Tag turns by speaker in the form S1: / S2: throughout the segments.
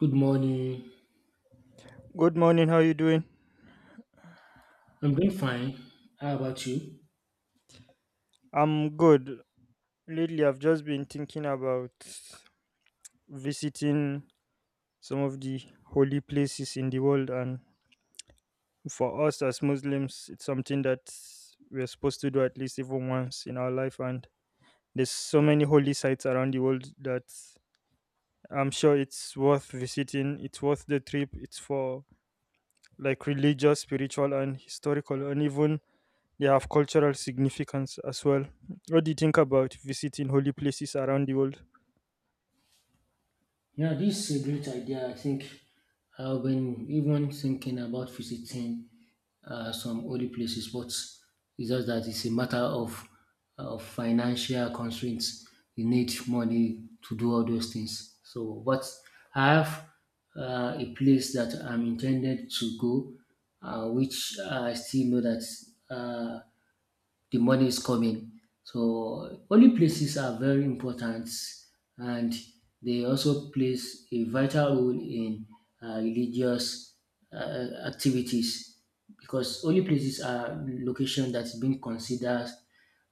S1: Good morning.
S2: Good morning, how you doing?
S1: I'm doing fine. How about you?
S2: I'm good. Lately, I've just been thinking about visiting some of the holy places in the world, and for us as Muslims, it's something that we're supposed to do at least even once in our life. And there's so many holy sites around the world that I'm sure it's worth visiting. It's worth the trip. It's for like religious, spiritual, and historical, and even yeah, of cultural significance as well. What do you think about visiting holy places around the world?
S1: Yeah, this is a great idea. I think I've been even thinking about visiting some holy places, but it's just that it's a matter of financial constraints. You need money to do all those things. So, but I have a place that I'm intended to go, which I still know that uh, the money is coming. So holy places are very important and they also plays a vital role in religious activities because holy places are location that's been considered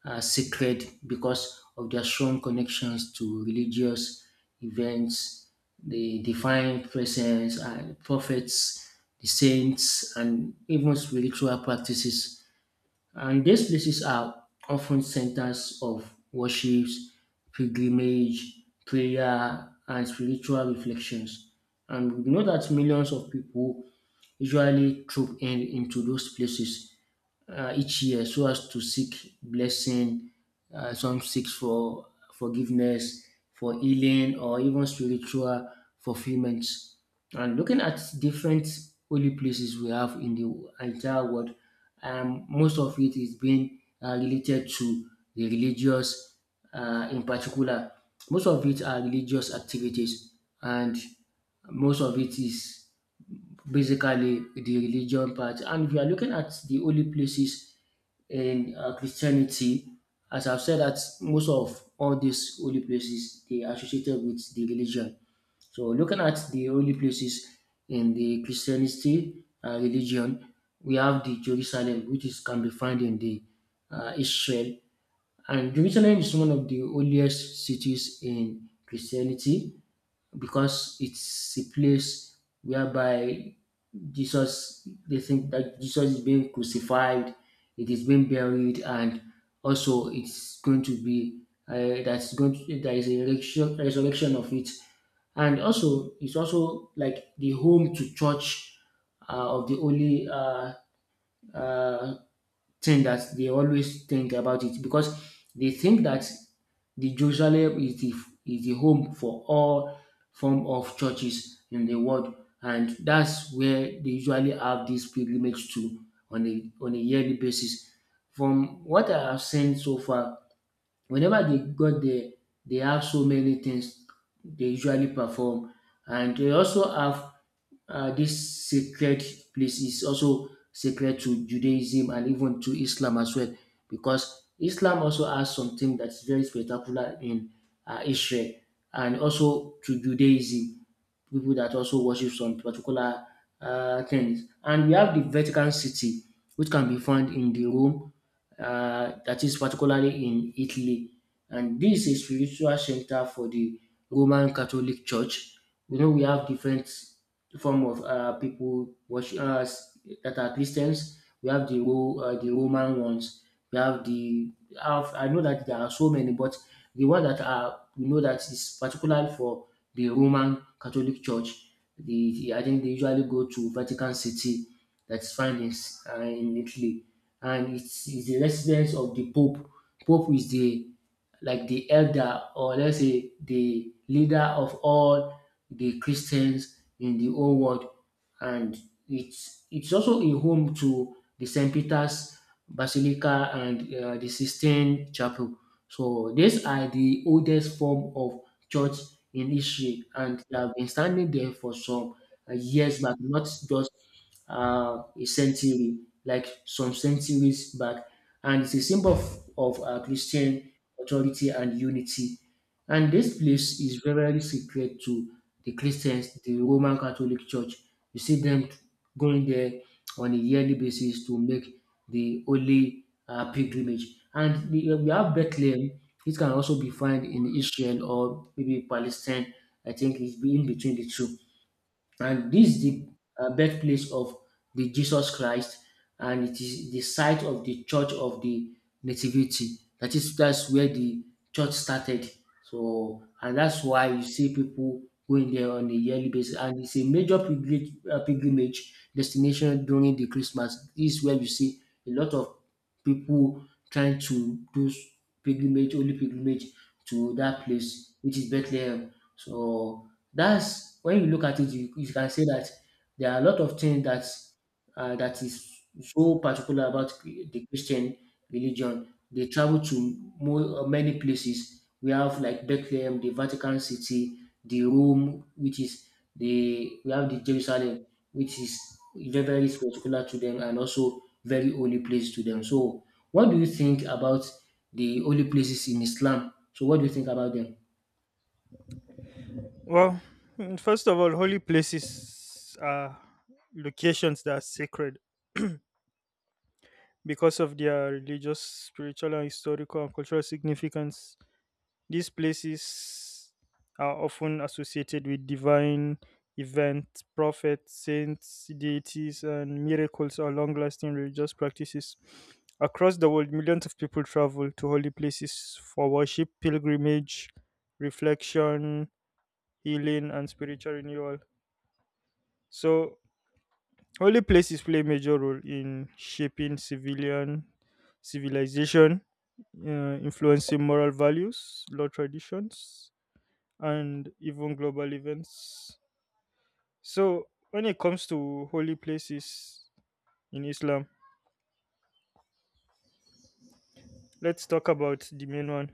S1: sacred because of their strong connections to religious events, the divine presence and prophets, the saints, and even spiritual practices. And these places are often centers of worship, pilgrimage, prayer, and spiritual reflections. And we know that millions of people usually troop in into those places each year so as to seek blessing. Some seeks for forgiveness, for healing, or even spiritual fulfillment. And looking at different holy places we have in the entire world, most of it is being related to the religious, in particular. Most of it are religious activities, and most of it is basically the religion part. And if you are looking at the holy places in Christianity, as I've said, that most of all these holy places they are associated with the religion. So looking at the holy places in the Christianity religion, we have the Jerusalem, which is can be found in the Israel, and Jerusalem is one of the holiest cities in Christianity because it's a place whereby Jesus, they think that Jesus is being crucified, it is being buried, and also it's going to be that's going to, there is a resurrection, of it, and also it's also like the home to church uh, of the Holy uh, thing that they always think about it because they think that the Jerusalem is the home for all form of churches in the world, and that's where they usually have this pilgrimage to on a yearly basis. From what I have seen so far, whenever they got there, they have so many things they usually perform, and they also have this sacred place is also sacred to Judaism and even to Islam as well, because Islam also has something that's very spectacular in Israel and also to Judaism, people that also worship some particular things. And we have the Vatican City, which can be found in the Rome, that is particularly in Italy. And this is a spiritual center for the Roman Catholic Church. You know, we have different form of people watch us that are Christians. We have the Roman ones. We have I know that there are so many, but the one that are we know that is particular for the Roman Catholic Church. The, I think they usually go to Vatican City, that's found in, in Italy, and it's the residence of the Pope. Pope is the like the elder or let's say the leader of all the Christians in the whole world and it's also a home to the St. Peter's Basilica and the Sistine Chapel. So these are the oldest form of church in Israel, and they have been standing there for some years back, not just a century, like some centuries back. And it's a symbol of, of Christian authority and unity. And this place is very, very sacred to the Christians, the Roman Catholic Church, you see them going there on a yearly basis to make the holy pilgrimage. And the, we have Bethlehem. It can also be found in Israel or maybe Palestine. I think it's be in between the two and this is the birthplace of the Jesus Christ, and it is the site of the Church of the Nativity. That is that's where the church started. So and that's why you see people going there on a yearly basis, and it's a major pilgrimage, pilgrimage destination during the Christmas. This is where you see a lot of people trying to do pilgrimage, holy pilgrimage to that place, which is Bethlehem. So that's when you look at it, you can say that there are a lot of things that that is so particular about the Christian religion. They travel to more, many places. We have like Bethlehem, the Vatican City, the Rome, which is the we have the Jerusalem, which is very very particular to them and also very holy place to them. So, what do you think about the holy places in Islam? So, what do you think about them?
S2: Well, first of all, holy places are locations that are sacred because of their religious, spiritual, and historical and cultural significance. These places are often associated with divine events, prophets, saints, deities, and miracles or long lasting religious practices. Across the world, millions of people travel to holy places for worship, pilgrimage, reflection, healing, and spiritual renewal. So, holy places play a major role in shaping civilian civilization, influencing moral values, law traditions, and even global events. So, when it comes to holy places in Islam, let's talk about the main one,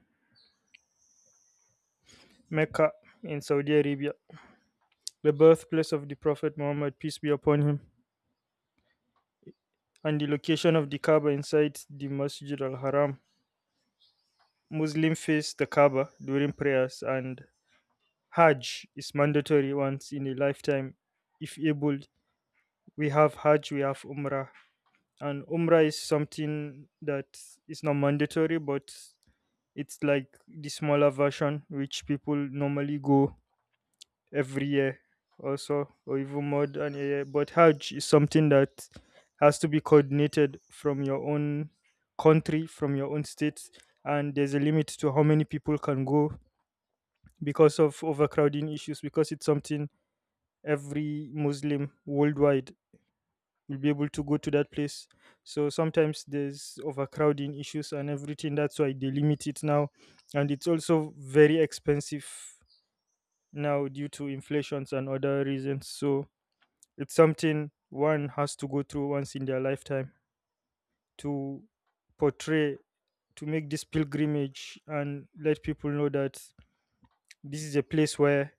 S2: Mecca in Saudi Arabia, the birthplace of the Prophet Muhammad, peace be upon him, and the location of the Kaaba inside the Masjid al Haram. Muslims face the Kaaba during prayers, and Hajj is mandatory once in a lifetime if able. We have Hajj, we have Umrah, and Umrah is something that is not mandatory, but it's like the smaller version, which people normally go every year, also, or even more than a year. But Hajj is something that has to be coordinated from your own country, from your own state, and there's a limit to how many people can go because of overcrowding issues, because it's something every Muslim worldwide will be able to go to that place. So sometimes there's overcrowding issues and everything. That's why they limit it now. And it's also very expensive now due to inflations and other reasons. So it's something one has to go through once in their lifetime to portray, to make this pilgrimage and let people know that this is a place where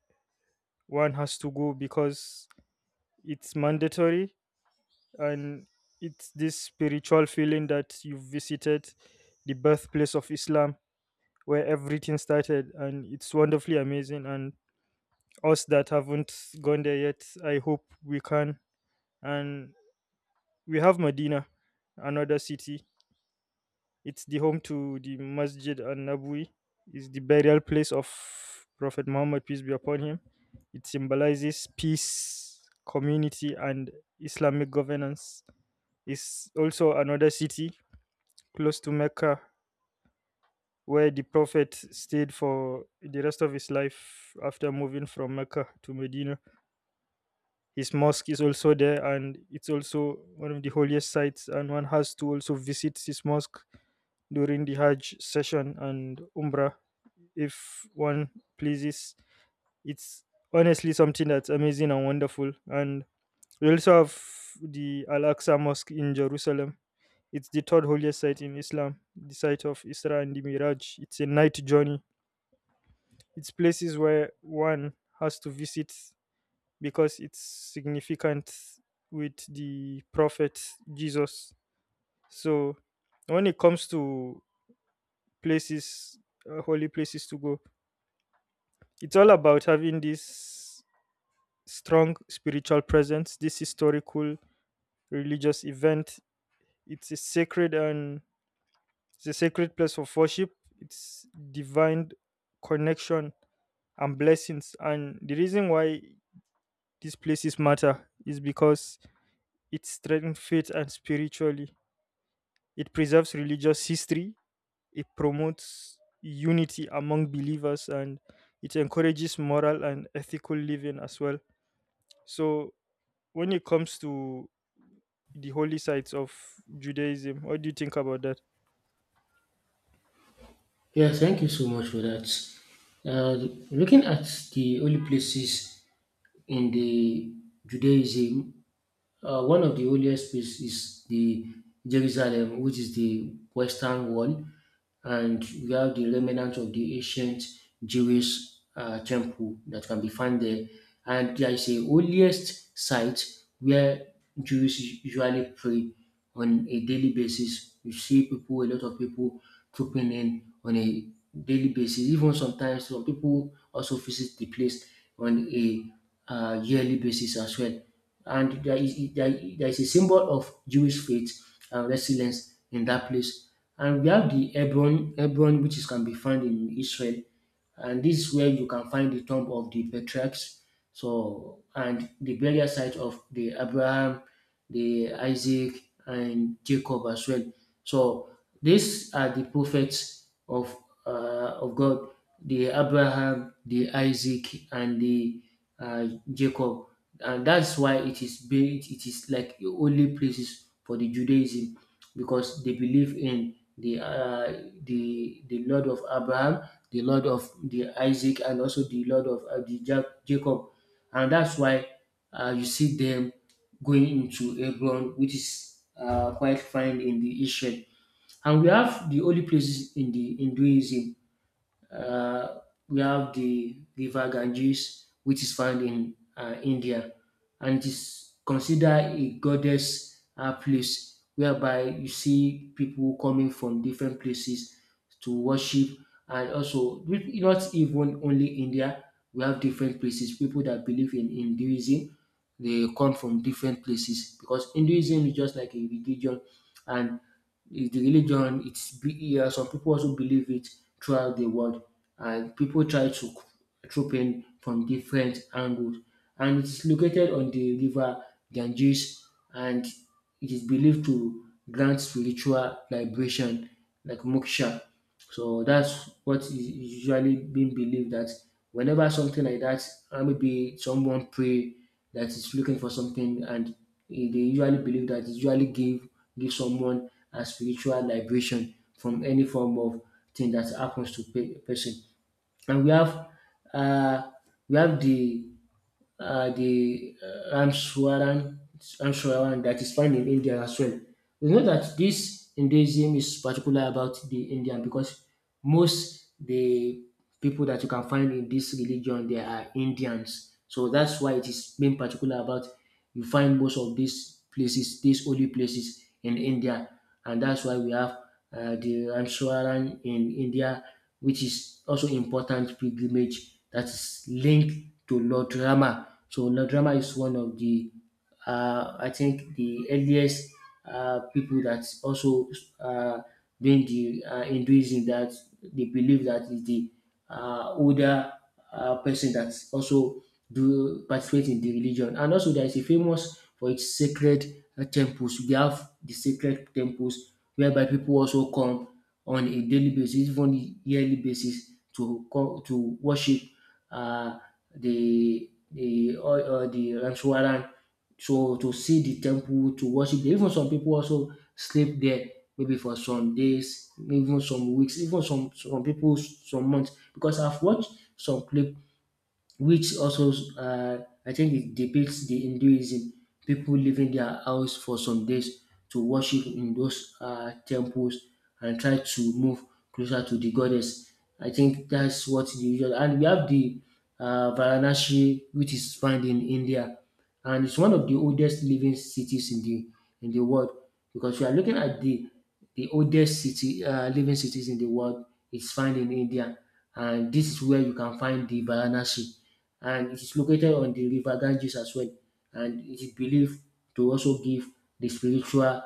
S2: one has to go because it's mandatory, and it's this spiritual feeling that you've visited the birthplace of Islam where everything started, and it's wonderfully amazing. And us that haven't gone there yet, I hope we can. And we have Medina, another city. It's the home to the Masjid an-Nabawi, is the burial place of Prophet Muhammad, peace be upon him. It symbolizes peace, community, and Islamic governance. Is also another city close to Mecca, where the Prophet stayed for the rest of his life after moving from Mecca to Medina. His mosque is also there, and it's also one of the holiest sites. And one has to also visit his mosque during the Hajj session and Umrah if one pleases. It's honestly something that's amazing and wonderful. And we also have the Al Aqsa Mosque in Jerusalem. It's the third holiest site in Islam, the site of Isra and the Miraj. It's a night journey. It's places where one has to visit because it's significant with the prophet Jesus. So when it comes to places, holy places to go, it's all about having this strong spiritual presence, this historical religious event. It's a sacred and It's a sacred place of worship, it's divine connection and blessings. And the reason why these places matter is because it strengthens faith and spiritually. It preserves religious history, it promotes unity among believers, and it encourages moral and ethical living as well. So, when it comes to the holy sites of Judaism, what do you think about that?
S1: Yes, thank you so much for that. Uh, Looking at the holy places in the Judaism, one of the oldest places is the Jerusalem, which is the Western Wall, and we have the remnants of the ancient Jewish temple that can be found there. And there is a holiest site where Jews usually pray on a daily basis. You see people, a lot of people trooping in on a daily basis. Even sometimes some people also visit the place on a yearly basis as well and there is there is a symbol of Jewish faith and resilience in that place. And we have the Hebron, Hebron, which is can be found in Israel, and this is where you can find the tomb of the patriarchs. So and the burial site of the Abraham, the Isaac, and Jacob as well. So these are the prophets of God: the Abraham, the Isaac, and the Jacob, and that's why it is built. It is like the only places for the Judaism because they believe in the the Lord of Abraham, the Lord of the Isaac and also the Lord of the Jacob. And that's why you see them going into Hebron, which is quite fine in the Israel. And we have the holy places in the Hinduism. Uh, we have the river Ganges, which is found in India, and it is considered a goddess place whereby you see people coming from different places to worship. And also, not even only India, we have different places. People that believe in Hinduism, they come from different places because Hinduism is just like a religion, and it's the religion. Yeah, some people also believe it throughout the world, and people try to troop in from different angles. And it's located on the river Ganges, and it is believed to grant spiritual liberation, like moksha. So that's what is usually being believed that whenever something like that, maybe someone pray that is looking for something, and they usually believe that it usually give someone a spiritual liberation from any form of thing that happens to person. And uh, we have the Ramswaran, Ramswaran that is found in India as well. We know that this Hinduism is particular about the Indian because most the people that you can find in this religion they are Indians. So that's why it is being particular about you find most of these places, these holy places in India, and that's why we have the Rameswaram in India, which is also important pilgrimage that is linked to Lord Rama. So Lord Rama is one of the, I think, the earliest people that also uh, doing the Hinduism that they believe that is the older person that also do participate in the religion. And also there is a famous for its sacred temples. We have the sacred temples whereby people also come on a daily basis, even yearly basis to to worship uh, or the Ramswaran so to see the temple, to worship there, even some people also sleep there maybe for some days, even some weeks, even some people some months. Because I've watched some clip which also I think it depicts the Hinduism people leaving their house for some days to worship in those temples and try to move closer to the goddess. I think that's what the usual and we have the Varanasi which is found in India and it's one of the oldest living cities in the world because you are looking at the oldest city living cities in the world is found in India, and this is where you can find the Varanasi, and it is located on the river Ganges as well, and it is believed to also give the spiritual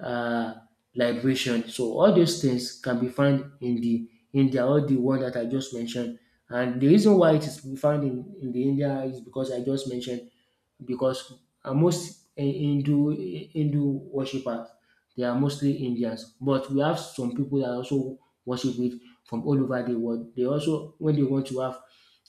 S1: uh, liberation. So all those things can be found in the India, all the one that I just mentioned. And the reason why it is found in the India is because I just mentioned because most Hindu worshippers, they are mostly Indians, but we have some people that also worship it from all over the world. They also when they want to have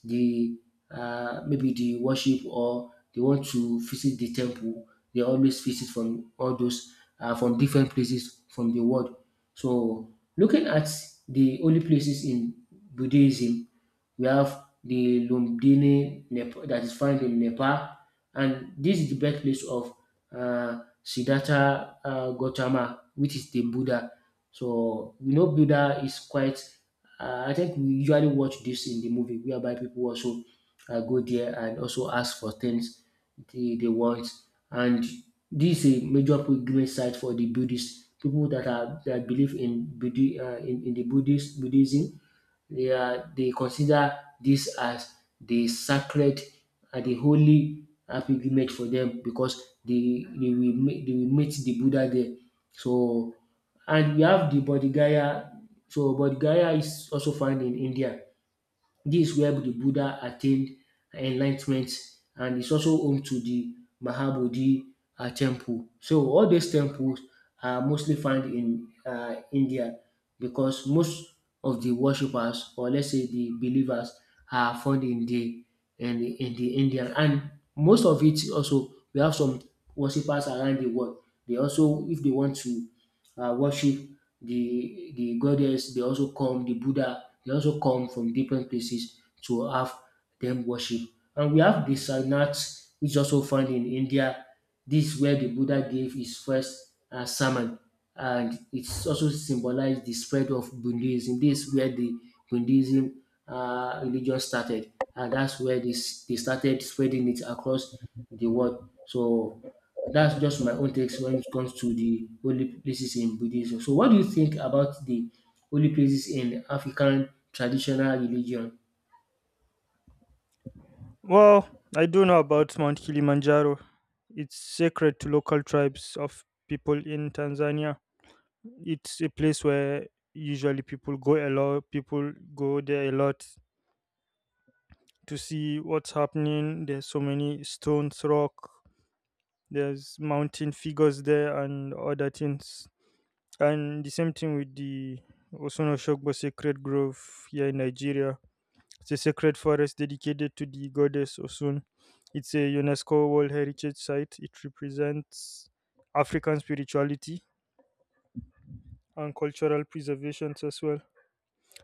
S1: the maybe the worship or they want to visit the temple, they always visit from all those from different places from the world. So looking at the holy places in Buddhism, we have the Lumbini Nepal, that is found in Nepal. And this is the birthplace of Siddhartha Gautama, which is the Buddha. So we know Buddha is quite. I think we usually watch this in the movie, whereby people also go there and also ask for things they want. And this is a major pilgrimage site for the Buddhists, people that are that believe in in the Buddhist Buddhism they are they consider this as the sacred and the holy pilgrimage for them because they will meet, they will meet the Buddha there. So and we have the Bodh Gaya. So Bodh Gaya is also found in India. This is where the Buddha attained enlightenment, and it's also home to the Mahabodhi temple. So all these temples are mostly found in India because most of the worshippers, or let's say the believers, are found in the in the India, and most of it also we have some worshippers around the world. They also if they want to worship the goddess, they also come the buddha, they also come from different places to have them worship. And we have the Sarnaths, which also found in India. This is where the Buddha gave his first sermon. And it's also symbolized the spread of Buddhism. This is where the Buddhism religion started. And that's where this, they started spreading it across the world. So that's just my own takes when it comes to the holy places in Buddhism. So, what do you think about the holy places in African traditional religion?
S2: Well, I do know about Mount Kilimanjaro. It's sacred to local tribes of people in Tanzania. It's a place where usually people go a lot. People go there a lot to see what's happening. There's so many stones, rock. There's mountain figures there and other things. And the same thing with the Osunosogbo Sacred Grove here in Nigeria. It's a sacred forest dedicated to the goddess Osun. It's a UNESCO World Heritage Site. It represents African spirituality and cultural preservations as well.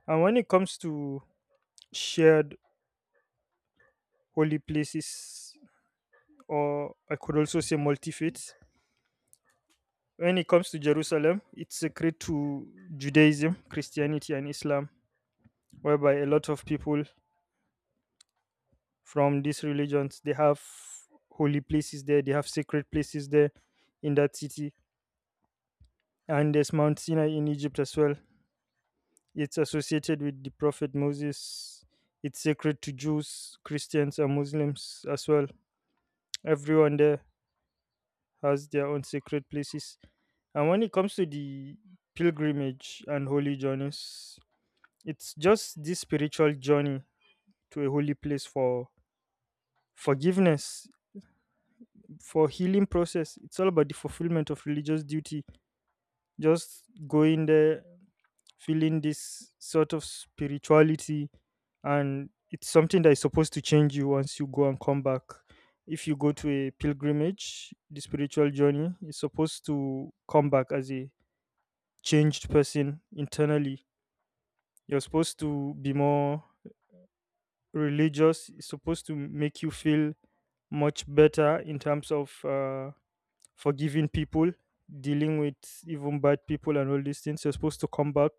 S2: And when it comes to shared holy places, or I could also say multi faiths, when it comes to Jerusalem, it's sacred to Judaism, Christianity, and Islam, whereby a lot of people from these religions. They have holy places there, they have sacred places there in that city. And there's Mount Sinai in Egypt as well. It's associated with the Prophet Moses. It's sacred to Jews, Christians, and Muslims as well. Everyone there has their own sacred places. And when it comes to the pilgrimage and holy journeys, it's just this spiritual journey to a holy place for forgiveness, for healing process. It's all about the fulfillment of religious duty, just going there, feeling this sort of spirituality. And it's something that is supposed to change you once you go and come back. If you go to a pilgrimage, the spiritual journey is supposed to come back as a changed person internally. You're supposed to be more religious. It's supposed to make you feel much better in terms of forgiving people, dealing with even bad people and all these things. You're supposed to come back,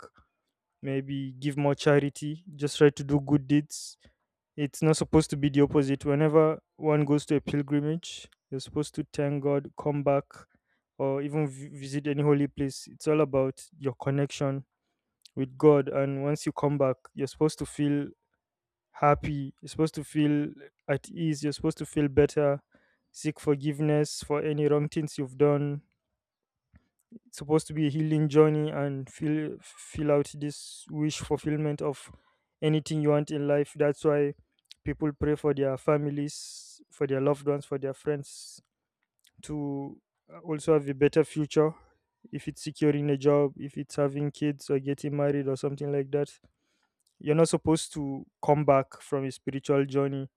S2: maybe give more charity, just try to do good deeds. It's not supposed to be the opposite. Whenever one goes to a pilgrimage, you're supposed to thank God, come back, or even visit any holy place. It's all about your connection with God. And once you come back, you're supposed to feel happy, you're supposed to feel at ease, you're supposed to feel better, seek forgiveness for any wrong things you've done. It's supposed to be a healing journey and fill out this wish fulfillment of anything you want in life. That's why people pray for their families, for their loved ones, for their friends, to also have a better future, if it's securing a job, if it's having kids or getting married or something like that. You're not supposed to come back from a spiritual journey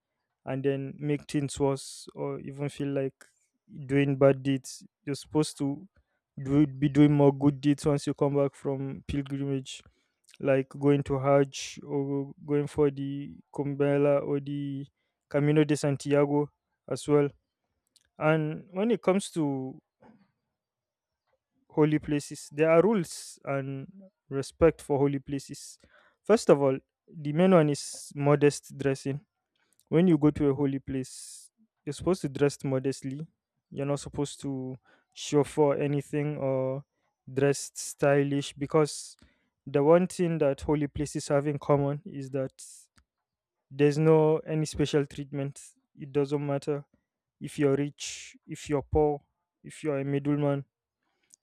S2: and then make things worse or even feel like doing bad deeds. You're supposed to do be doing more good deeds once you come back from pilgrimage, like going to Hajj or going for the Kumbela or the Camino de Santiago as well. And when it comes to holy places, there are rules and respect for holy places. First of all, the main one is modest dressing. When you go to a holy place, you're supposed to dress modestly. You're not supposed to show for anything or dress stylish, because the one thing that holy places have in common is that there's no any special treatment. It doesn't matter if you're rich, if you're poor, if you're a middleman,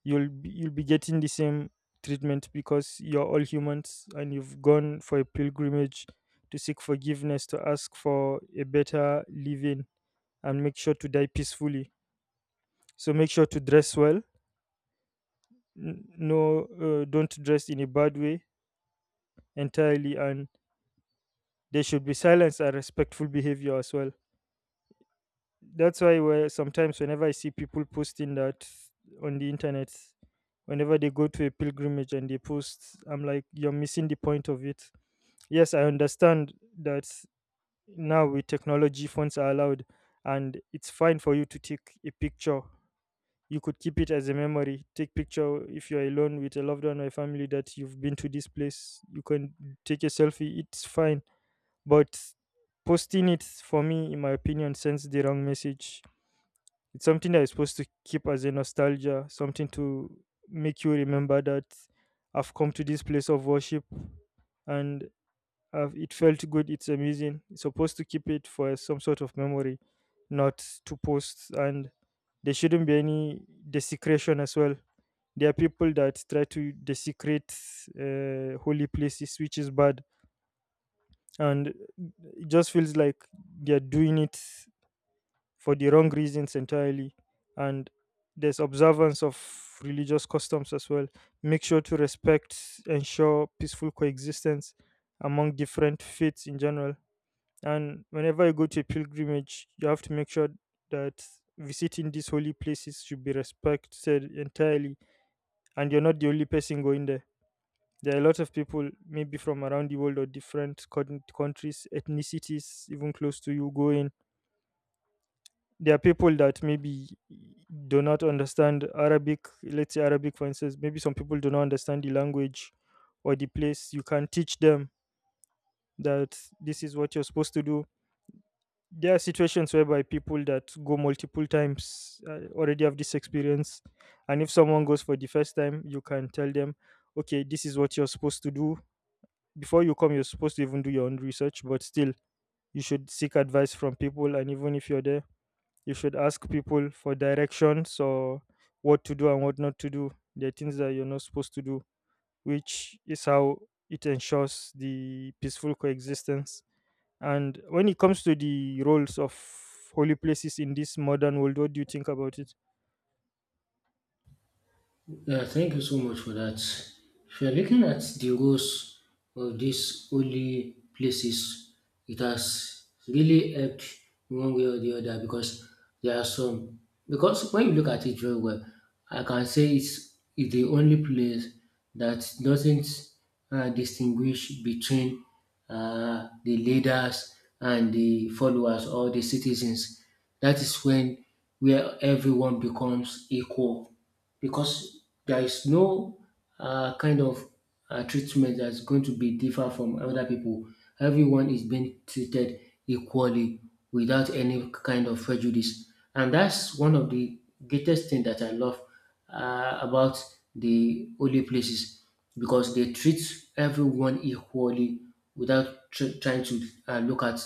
S2: you'll be getting the same treatment because you're all humans and you've gone for a pilgrimage to seek forgiveness, to ask for a better living and make sure to die peacefully. So make sure to dress well. Don't dress in a bad way entirely. And there should be silence and respectful behavior as well. That's why, where sometimes whenever I see people posting that on the internet, whenever they go to a pilgrimage and they post, I'm like, you're missing the point of it. Yes, I understand that now with technology, phones are allowed, and it's fine for you to take a picture. You could keep it as a memory. Take picture if you're alone with a loved one or a family that you've been to this place. You can take a selfie. It's fine, but posting it for me, in my opinion, sends the wrong message. It's something that is supposed to keep as a nostalgia, something to make you remember that I've come to this place of worship, and it felt good. It's amazing. You're supposed to keep it for some sort of memory, not to post. And there shouldn't be any desecration as well. There are people that try to desecrate holy places, which is bad. And it just feels like they're doing it for the wrong reasons entirely. And there's observance of religious customs as well. Make sure to respect, ensure peaceful coexistence among different faiths in general. And whenever you go to a pilgrimage, you have to make sure that visiting these holy places should be respected entirely. And you're not the only person going there. There are a lot of people, maybe from around the world or different countries, ethnicities, even close to you, going. There are people that maybe do not understand Arabic. Let's say Arabic, for instance. Maybe some people do not understand the language or the place. You can teach them that this is what you're supposed to do. There are situations whereby people that go multiple times already have this experience, and if someone goes for the first time, you can tell them, okay, this is what you're supposed to do. Before you come, you're supposed to even do your own research, but still you should seek advice from people, and even if you're there, you should ask people for directions or what to do and what not to do. There are things that you're not supposed to do, which is how it ensures the peaceful coexistence. And when it comes to the roles of holy places in this modern world, what do you think about it?
S1: Yeah, thank you so much for that. If you're looking at the roles of these holy places, it has really helped one way or the other because there are some. Because when you look at it very well, I can say it's the only place that doesn't distinguish between the leaders and the followers or the citizens. That is when where everyone becomes equal because there is no kind of treatment that's going to be different from other people. Everyone is being treated equally without any kind of prejudice, and that's one of the greatest thing that I love about the holy places because they treat everyone equally without trying to look at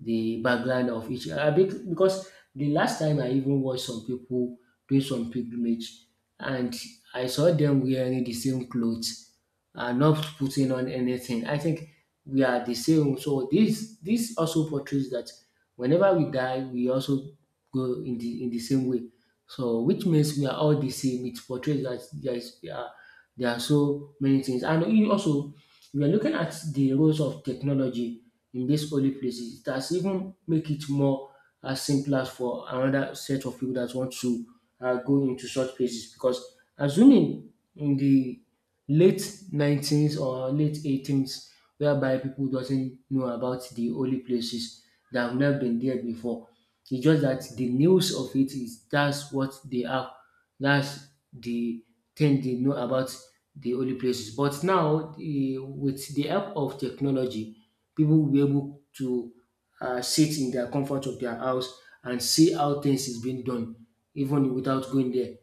S1: the background of each. Because the last time I even watched some people doing some pilgrimage, and I saw them wearing the same clothes and not putting on anything. I think we are the same. So this also portrays that whenever we die, we also go in the same way. So which means we are all the same. It portrays that there are so many things. And you also we are looking at the roles of technology in these holy places. It has even make it more as simpler for another set of people that want to go into such places because assuming in the late 19th or late 18th whereby people doesn't know about the holy places that have never been there before, it's just that the news of it is that's what they have, that's the thing they know about the holy places. But now the, with the help of technology, people will be able to sit in their comfort of their house and see how things is being done, even without going there.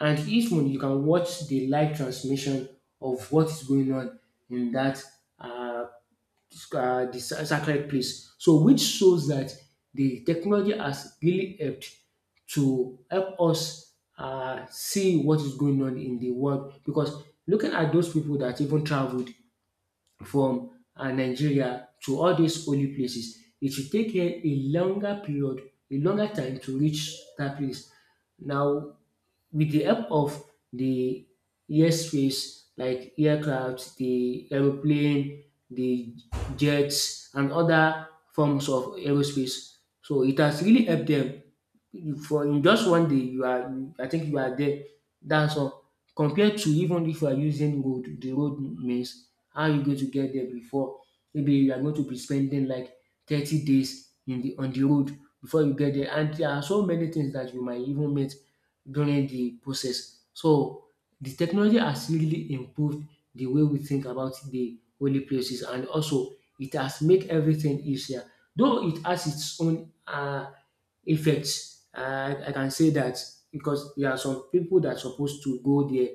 S1: And each one, you can watch the live transmission of what is going on in that uh, the sacred place. So, which shows that the technology has really helped to help us see what is going on in the world. Because looking at those people that even traveled from Nigeria to all these holy places, it will take dem a longer period, a longer time to reach that place. Now with the help of the airspace like aircraft, the aeroplane, the jets, and other forms of aerospace. So it has really helped them. For in just one day, you are, I think you are there. That's all. Compared to even if you are using road, the road means how you going to get there before. Maybe you are going to be spending like 30 days in the road before you get there. And there are so many things that you might even meet during the process. So the technology has really improved the way we think about the holy places, and also it has made everything easier. Though it has its own effects, I can say that because there are some people that are supposed to go there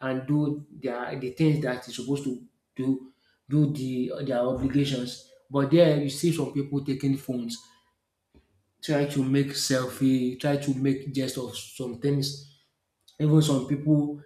S1: and do their the things that is supposed to do do the their obligations. But there you see some people taking phones, try to make selfie, try to make jest of some things. Even some people,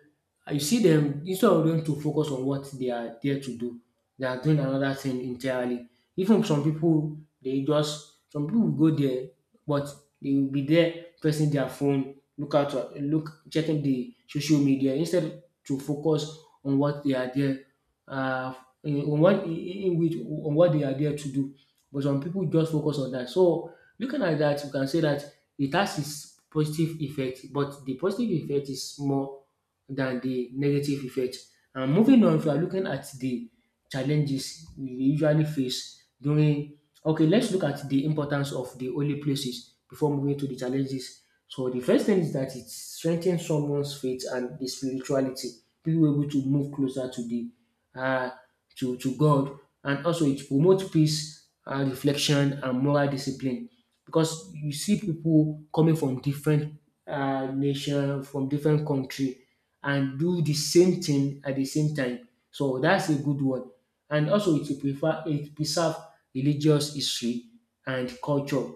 S1: you see them, instead of them to focus on what they are there to do, they are doing another thing entirely. Even some people, they just, some people will go there, but they will be there pressing their phone, look out, look, checking the social media instead to focus on what they are there, uh, in, on what, in which, on what they are there to do. But some people just focus on that. So looking at that, you can say that it has its positive effect, but the positive effect is more than the negative effect. And moving on, if you are looking at the challenges we usually face during, okay, let's look at the importance of the holy places before moving to the challenges. So the first thing is that it strengthens someone's faith and the spirituality. People were able to move closer to the uh, to God, and also it promotes peace, reflection, and moral discipline. Because you see people coming from different nation, from different country, and do the same thing at the same time. So that's a good one. And also it will prefer it preserve religious history and culture.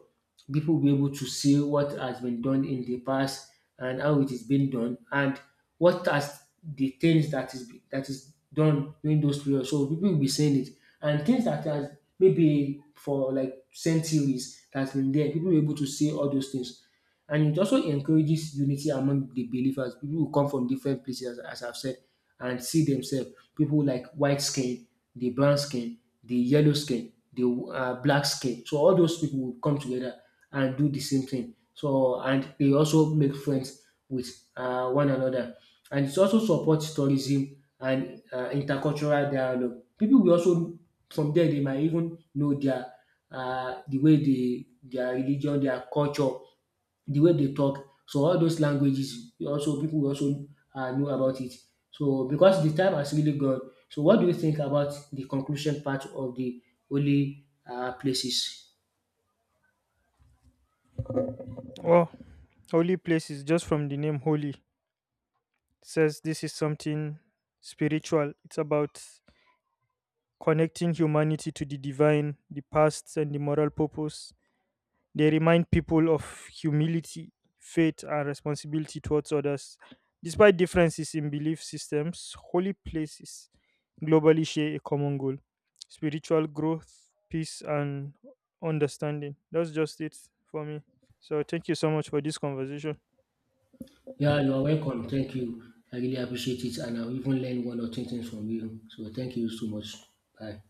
S1: People will be able to see what has been done in the past and how it is being done and what has the things that is done during those periods. So people will be seeing it. And things that has maybe for like centuries that's been there, people will be able to see all those things. And it also encourages unity among the believers. People who come from different places, as I've said, and see themselves. People like white skin, the brown skin, the yellow skin, the black skin. So all those people will come together and do the same thing. So and they also make friends with one another. And it also supports tourism and intercultural dialogue. People will also from there they might even know their their religion, their culture, the way they talk. So all those languages we also people will also know about it. So because the time has really gone, so what do you think about the conclusion part of the holy places?
S2: Well, holy places, just from the name holy, says this is something spiritual. It's about connecting humanity to the divine, the past, and the moral purpose. They remind people of humility, faith, and responsibility towards others. Despite differences in belief systems, holy places globally share a common goal: spiritual growth, peace, and understanding. That's just it for me. So, thank you so much for this conversation.
S1: Yeah, you are welcome. Thank you. I really appreciate it, and I even learn one or two things from you. So thank you so much. Bye.